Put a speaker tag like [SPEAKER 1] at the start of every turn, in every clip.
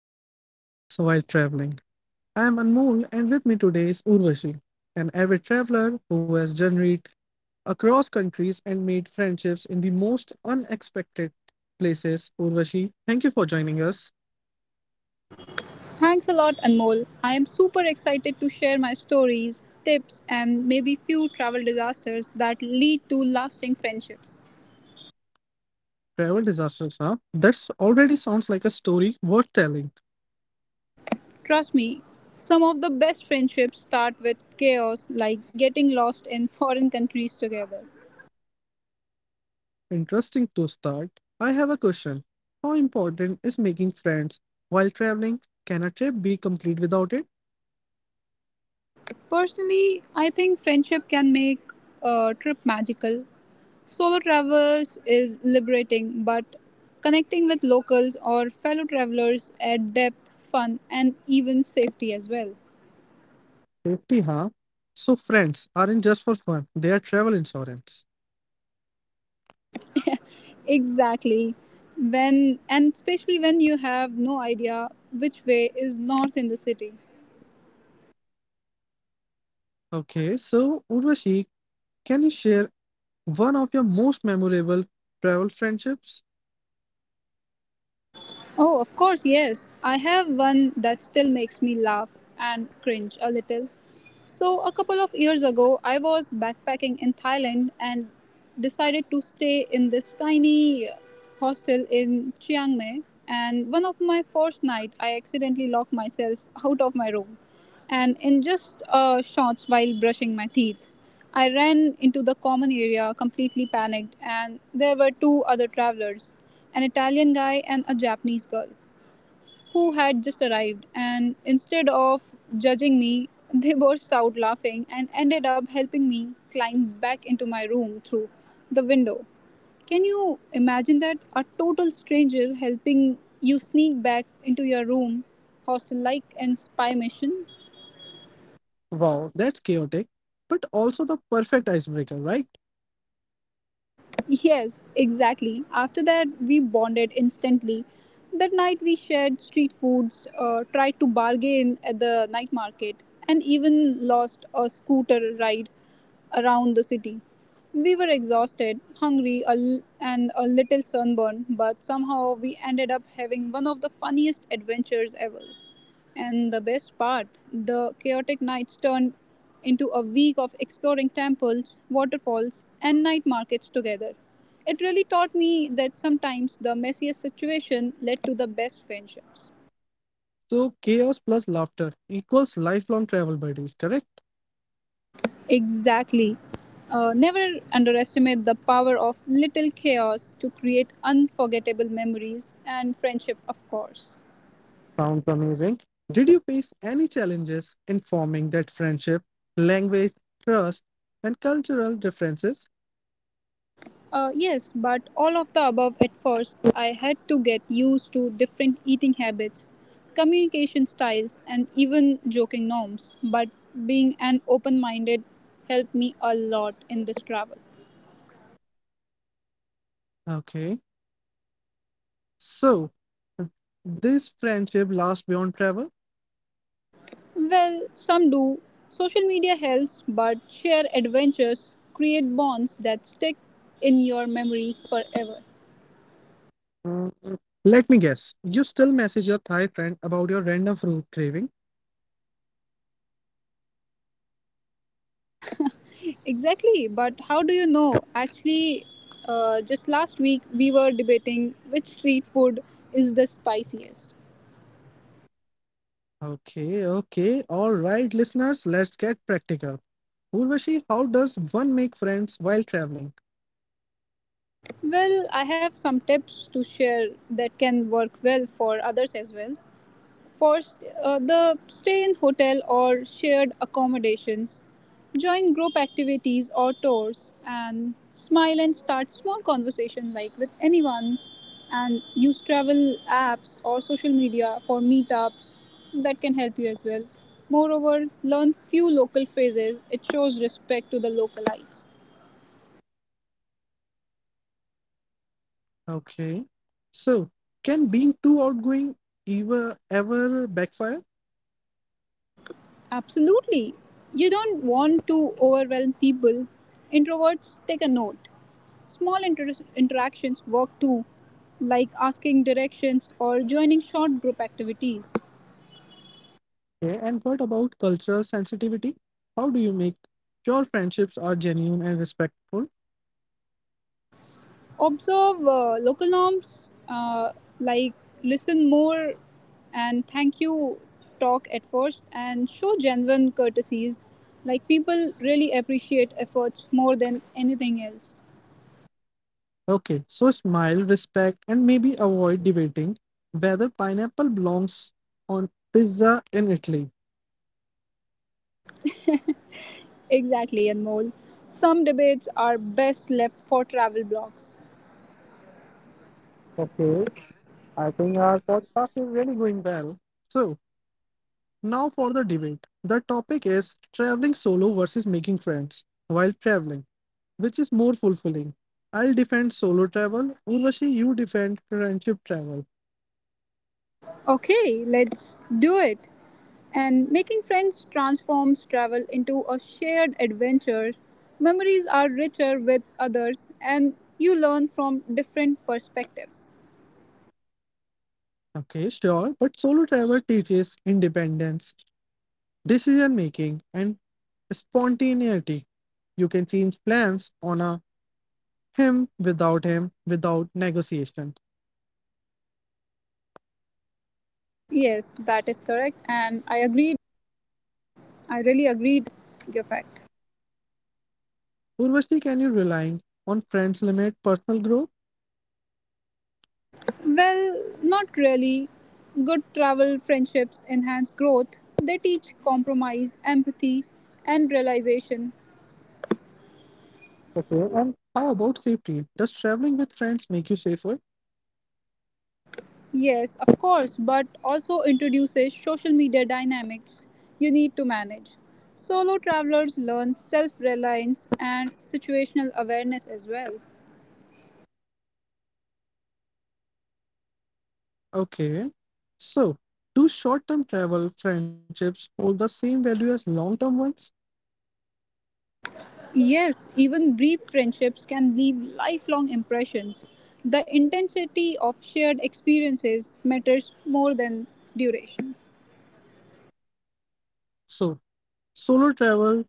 [SPEAKER 1] on making friends while traveling. I am Anmol and with me today is Urvashi, an avid traveler who has journeyed across countries and made friendships in the most unexpected places. Urvashi, thank you for joining us.
[SPEAKER 2] Thanks a lot, Anmol. I am super excited to share my stories, tips, and maybe few travel disasters that lead to lasting friendships.
[SPEAKER 1] Travel disasters, huh? That already sounds like a story worth telling.
[SPEAKER 2] Trust me, some of the best friendships start with chaos, like getting lost in foreign countries together.
[SPEAKER 1] Interesting to start. I have a question. How important is making friends while traveling? Can a trip be complete without it?
[SPEAKER 2] Personally, I think friendship can make a trip magical. Solo travels is liberating, but connecting with locals or fellow travelers add depth, fun, and even safety as well.
[SPEAKER 1] Safety, huh? So friends aren't just for fun, they are travel insurance.
[SPEAKER 2] Exactly. When and especially when you have no idea which way is north in the city.
[SPEAKER 1] Okay, so Urvashi, can you share one of your most memorable travel friendships?
[SPEAKER 2] Oh, of course, yes. I have one that still makes me laugh and cringe a little. So, a couple of years ago, I was backpacking in Thailand and decided to stay in this tiny hostel in Chiang Mai. And one of my first night, I accidentally locked myself out of my room, and in just a short while brushing my teeth. I ran into the common area completely panicked, and there were two other travelers, an Italian guy and a Japanese girl, who had just arrived. And instead of judging me, they burst out laughing and ended up helping me climb back into my room through the window. Can you imagine that? A total stranger helping you sneak back into your room, hostel like, and spy mission?
[SPEAKER 1] Wow, that's chaotic, but also the perfect icebreaker, right?
[SPEAKER 2] Yes, exactly. After that, we bonded instantly. That night, we shared street foods, tried to bargain at the night market, and even lost a scooter ride around the city. We were exhausted, hungry, and a little sunburned, but somehow we ended up having one of the funniest adventures ever. And the best part, the chaotic nights turned into a week of exploring temples, waterfalls, and night markets together. It really taught me that sometimes the messiest situation led to the best friendships.
[SPEAKER 1] So chaos plus laughter equals lifelong travel buddies, correct?
[SPEAKER 2] Exactly. Never underestimate the power of little chaos to create unforgettable memories and friendship, of course.
[SPEAKER 1] Sounds amazing. Did you face any challenges in forming that friendship, language, trust, and cultural differences?
[SPEAKER 2] Yes, but all of the above at first, I had to get used to different eating habits, communication styles, and even joking norms. But being an open minded helped me a lot in this travel.
[SPEAKER 1] Okay. So, uh, this friendship lasts beyond travel?
[SPEAKER 2] Well, some do. Social media helps, but shared adventures create bonds that stick in your memories forever.
[SPEAKER 1] Mm, let me guess. You still message your Thai friend about your random fruit craving?
[SPEAKER 2] Exactly, but how do you know? Actually, just last week we were debating which street food is the spiciest.
[SPEAKER 1] Okay, okay. All right, listeners, let's get practical. Urvashi, how does one make friends while traveling?
[SPEAKER 2] Well, I have some tips to share that can work well for others as well. First, the stay in hotel or shared accommodations. Join group activities or tours and smile and start small conversation like with anyone and use travel apps or social media for meetups that can help you as well. Moreover, learn few local phrases. It shows respect to the localites.
[SPEAKER 1] Okay. So, can being too outgoing ever backfire?
[SPEAKER 2] Absolutely. You don't want to overwhelm people. Introverts take a note. Small interactions work too, like asking directions or joining short group activities.
[SPEAKER 1] Okay. And what about cultural sensitivity? How do you make sure friendships are genuine and respectful?
[SPEAKER 2] Observe local norms, like listen more and thank you talk at first, and show genuine courtesies. Like people really appreciate efforts more than anything else.
[SPEAKER 1] Okay, so smile, respect, and maybe avoid debating whether pineapple belongs on pizza in Italy.
[SPEAKER 2] Exactly, Anmol. Some debates are best left for travel blogs.
[SPEAKER 1] Okay, I think our podcast is really going well. So, now for the debate. The topic is traveling solo versus making friends while traveling, which is more fulfilling. I'll defend solo travel. Urvashi, you defend friendship travel.
[SPEAKER 2] Okay, let's do it. And making friends transforms travel into a shared adventure. Memories are richer with others, and you learn from different perspectives.
[SPEAKER 1] Okay, sure, but solo travel teaches independence, decision making, and spontaneity. You can change plans on a him, without negotiation.
[SPEAKER 2] Yes, that is correct, and I agreed. I really agreed your fact.
[SPEAKER 1] Urvashi, can you relying on friends limit personal growth?
[SPEAKER 2] Well, not really. Good travel friendships enhance growth. They teach compromise, empathy, and realization.
[SPEAKER 1] Okay, and how about safety? Does traveling with friends make you safer?
[SPEAKER 2] Yes, of course, but also introduces social media dynamics you need to manage. Solo travelers learn self reliance and situational awareness as well.
[SPEAKER 1] Okay. So, do short-term travel friendships hold the same value as long-term ones?
[SPEAKER 2] Yes, even brief friendships can leave lifelong impressions. The intensity of shared experiences matters more than duration.
[SPEAKER 1] So, solo travel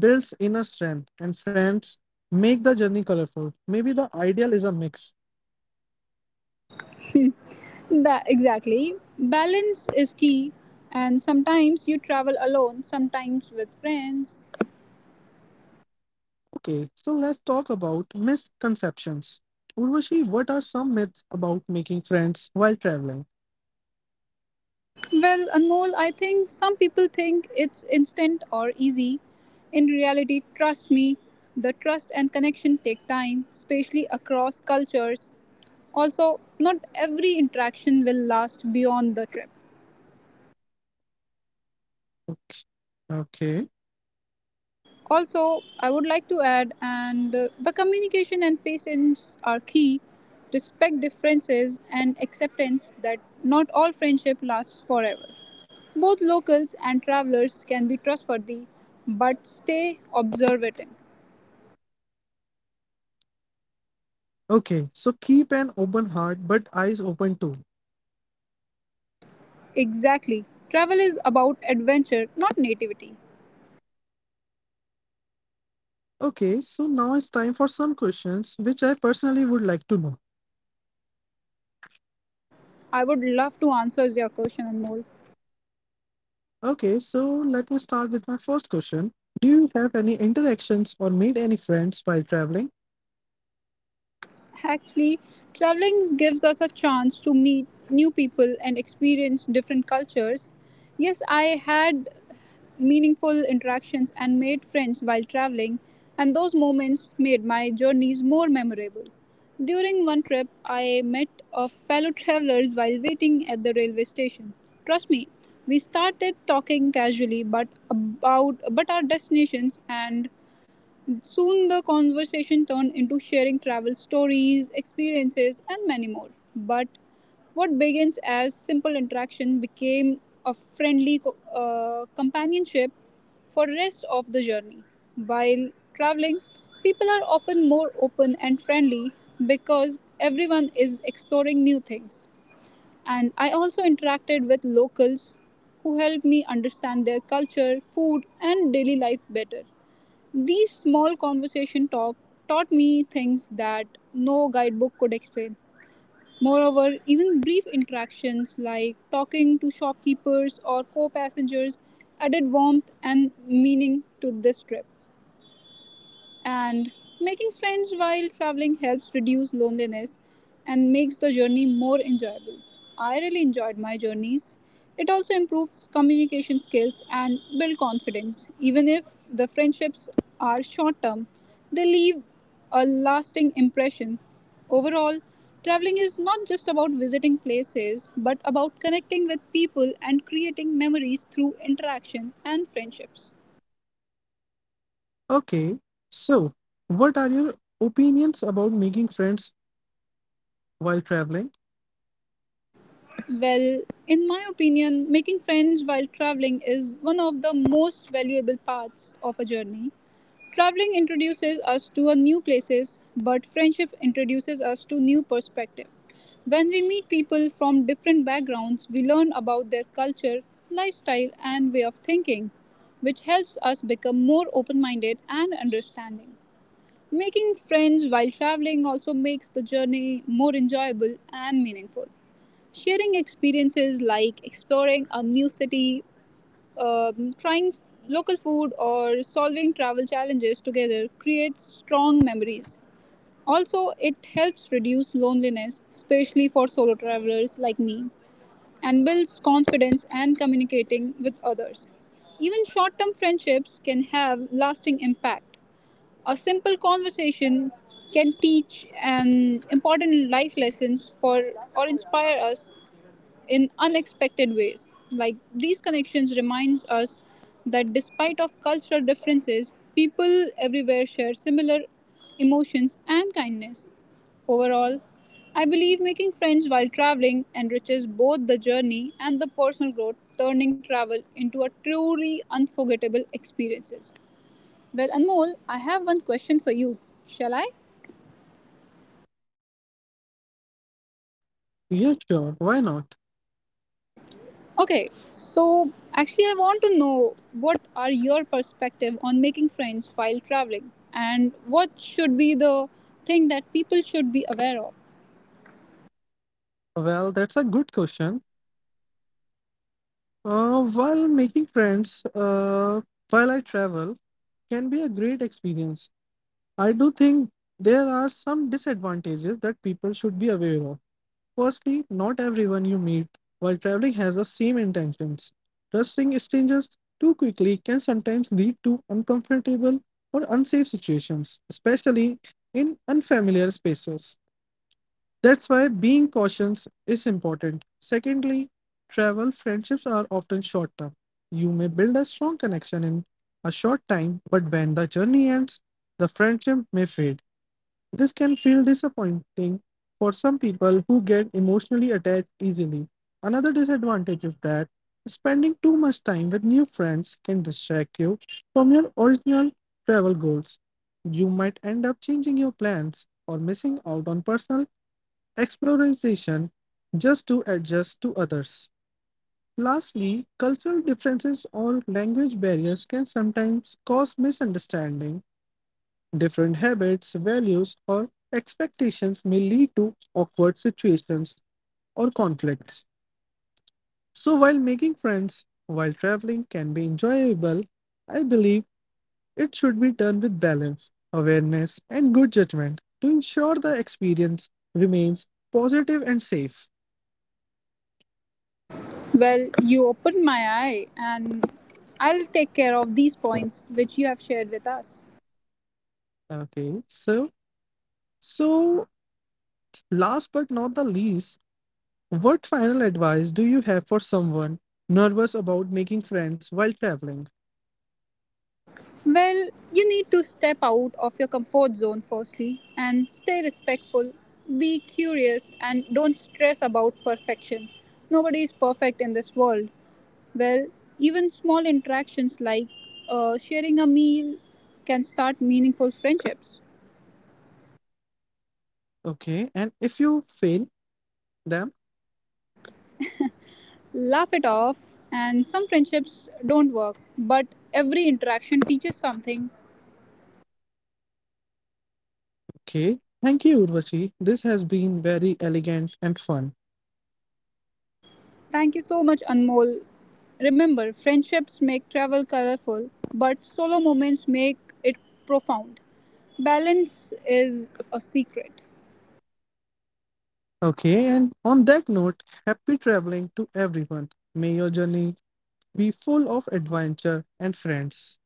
[SPEAKER 1] builds inner strength and friends make the journey colorful. Maybe the ideal is a mix.
[SPEAKER 2] That, exactly. Balance is key, and sometimes you travel alone, sometimes with friends.
[SPEAKER 1] Okay, so let's talk about misconceptions. Urvashi, what are some myths about making friends while traveling?
[SPEAKER 2] Well, Anmol, I think some people think it's instant or easy. In reality, trust me, the trust and connection take time, especially across cultures. Also, not every interaction will last beyond the trip.
[SPEAKER 1] Okay. Okay.
[SPEAKER 2] Also, I would like to add, and the communication and patience are key. Respect differences and acceptance that not all friendship lasts forever. Both locals and travelers can be trustworthy, but stay observant.
[SPEAKER 1] Okay, so keep an open heart but eyes open too.
[SPEAKER 2] Exactly. Travel is about adventure, not nativity.
[SPEAKER 1] Okay, so now it's time for some questions which I personally would like to know.
[SPEAKER 2] I would love to answer your question, Anmol.
[SPEAKER 1] Okay, so let me start with my first question. Do you have any interactions or made any friends while traveling?
[SPEAKER 2] Actually, traveling gives us a chance to meet new people and experience different cultures. Yes, I had meaningful interactions and made friends while traveling, and those moments made my journeys more memorable. During one trip, I met a fellow travelers while waiting at the railway station. Trust me, we started talking casually but about but our destinations, and soon the conversation turned into sharing travel stories, experiences, and many more. But what begins as simple interaction became a friendly companionship for rest of the journey. While traveling, people are often more open and friendly because everyone is exploring new things. And I also interacted with locals who helped me understand their culture, food, and daily life better. These small conversation talk taught me things that no guidebook could explain. Moreover, even brief interactions like talking to shopkeepers or co passengers added warmth and meaning to this trip. And making friends while traveling helps reduce loneliness and makes the journey more enjoyable. I really enjoyed my journeys. It also improves communication skills and build confidence. Even if the friendships are short term, they leave a lasting impression. Overall, traveling is not just about visiting places, but about connecting with people and creating memories through interaction and friendships.
[SPEAKER 1] Okay, so what are your opinions about making friends while traveling?
[SPEAKER 2] Well, in my opinion, making friends while traveling is one of the most valuable parts of a journey. Traveling introduces us to a new places, but friendship introduces us to new perspective. When we meet people from different backgrounds, we learn about their culture, lifestyle, and way of thinking, which helps us become more open-minded and understanding. Making friends while traveling also makes the journey more enjoyable and meaningful. Sharing experiences like exploring a new city, um, trying f- local food, or solving travel challenges together creates strong memories. Also, it helps reduce loneliness, especially for solo travelers like me, and builds confidence and communicating with others. Even short term friendships can have lasting impact. A simple conversation can teach an important life lessons for or inspire us in unexpected ways. Like these connections reminds us that despite of cultural differences, people everywhere share similar emotions and kindness. Overall, I believe making friends while traveling enriches both the journey and the personal growth, turning travel into a truly unforgettable experiences. Well, Anmol, I have one question for you. Shall I?
[SPEAKER 1] Yeah, sure, why not?
[SPEAKER 2] Okay, so actually, I want to know what are your perspective on making friends while traveling, and what should be the thing that people should be aware of.
[SPEAKER 1] Well, that's a good question. While making friends, while I travel, can be a great experience. I do think there are some disadvantages that people should be aware of. Firstly, not everyone you meet while traveling has the same intentions. Trusting strangers too quickly can sometimes lead to uncomfortable or unsafe situations, especially in unfamiliar spaces. That's why being cautious is important. Secondly, travel friendships are often short term. You may build a strong connection in a short time, but when the journey ends, the friendship may fade. This can feel disappointing for some people who get emotionally attached easily. Another disadvantage is that spending too much time with new friends can distract you from your original travel goals. You might end up changing your plans or missing out on personal exploration just to adjust to others. Lastly, cultural differences or language barriers can sometimes cause misunderstanding. Different habits, values, or expectations may lead to awkward situations or conflicts. So, while making friends while traveling can be enjoyable, I believe it should be done with balance, awareness, and good judgment to ensure the experience remains positive and safe.
[SPEAKER 2] Well, you opened my eye, and I'll take care of these points which you have shared with us.
[SPEAKER 1] Okay, so, last but not the least, what final advice do you have for someone nervous about making friends while traveling?
[SPEAKER 2] Well, you need to step out of your comfort zone firstly and stay respectful, be curious, and don't stress about perfection. Nobody is perfect in this world. Well, even small interactions like sharing a meal can start meaningful friendships.
[SPEAKER 1] Okay, and if you fail them,
[SPEAKER 2] Laugh it off, and some friendships don't work, but every interaction teaches something.
[SPEAKER 1] okay. Thank you, Urvashi. This has been very elegant and fun.
[SPEAKER 2] Thank you so much, Anmol. Remember, friendships make travel colorful, but solo moments make it profound. Balance is a secret.
[SPEAKER 1] Okay, and on that note, happy traveling to everyone. May your journey be full of adventure and friends.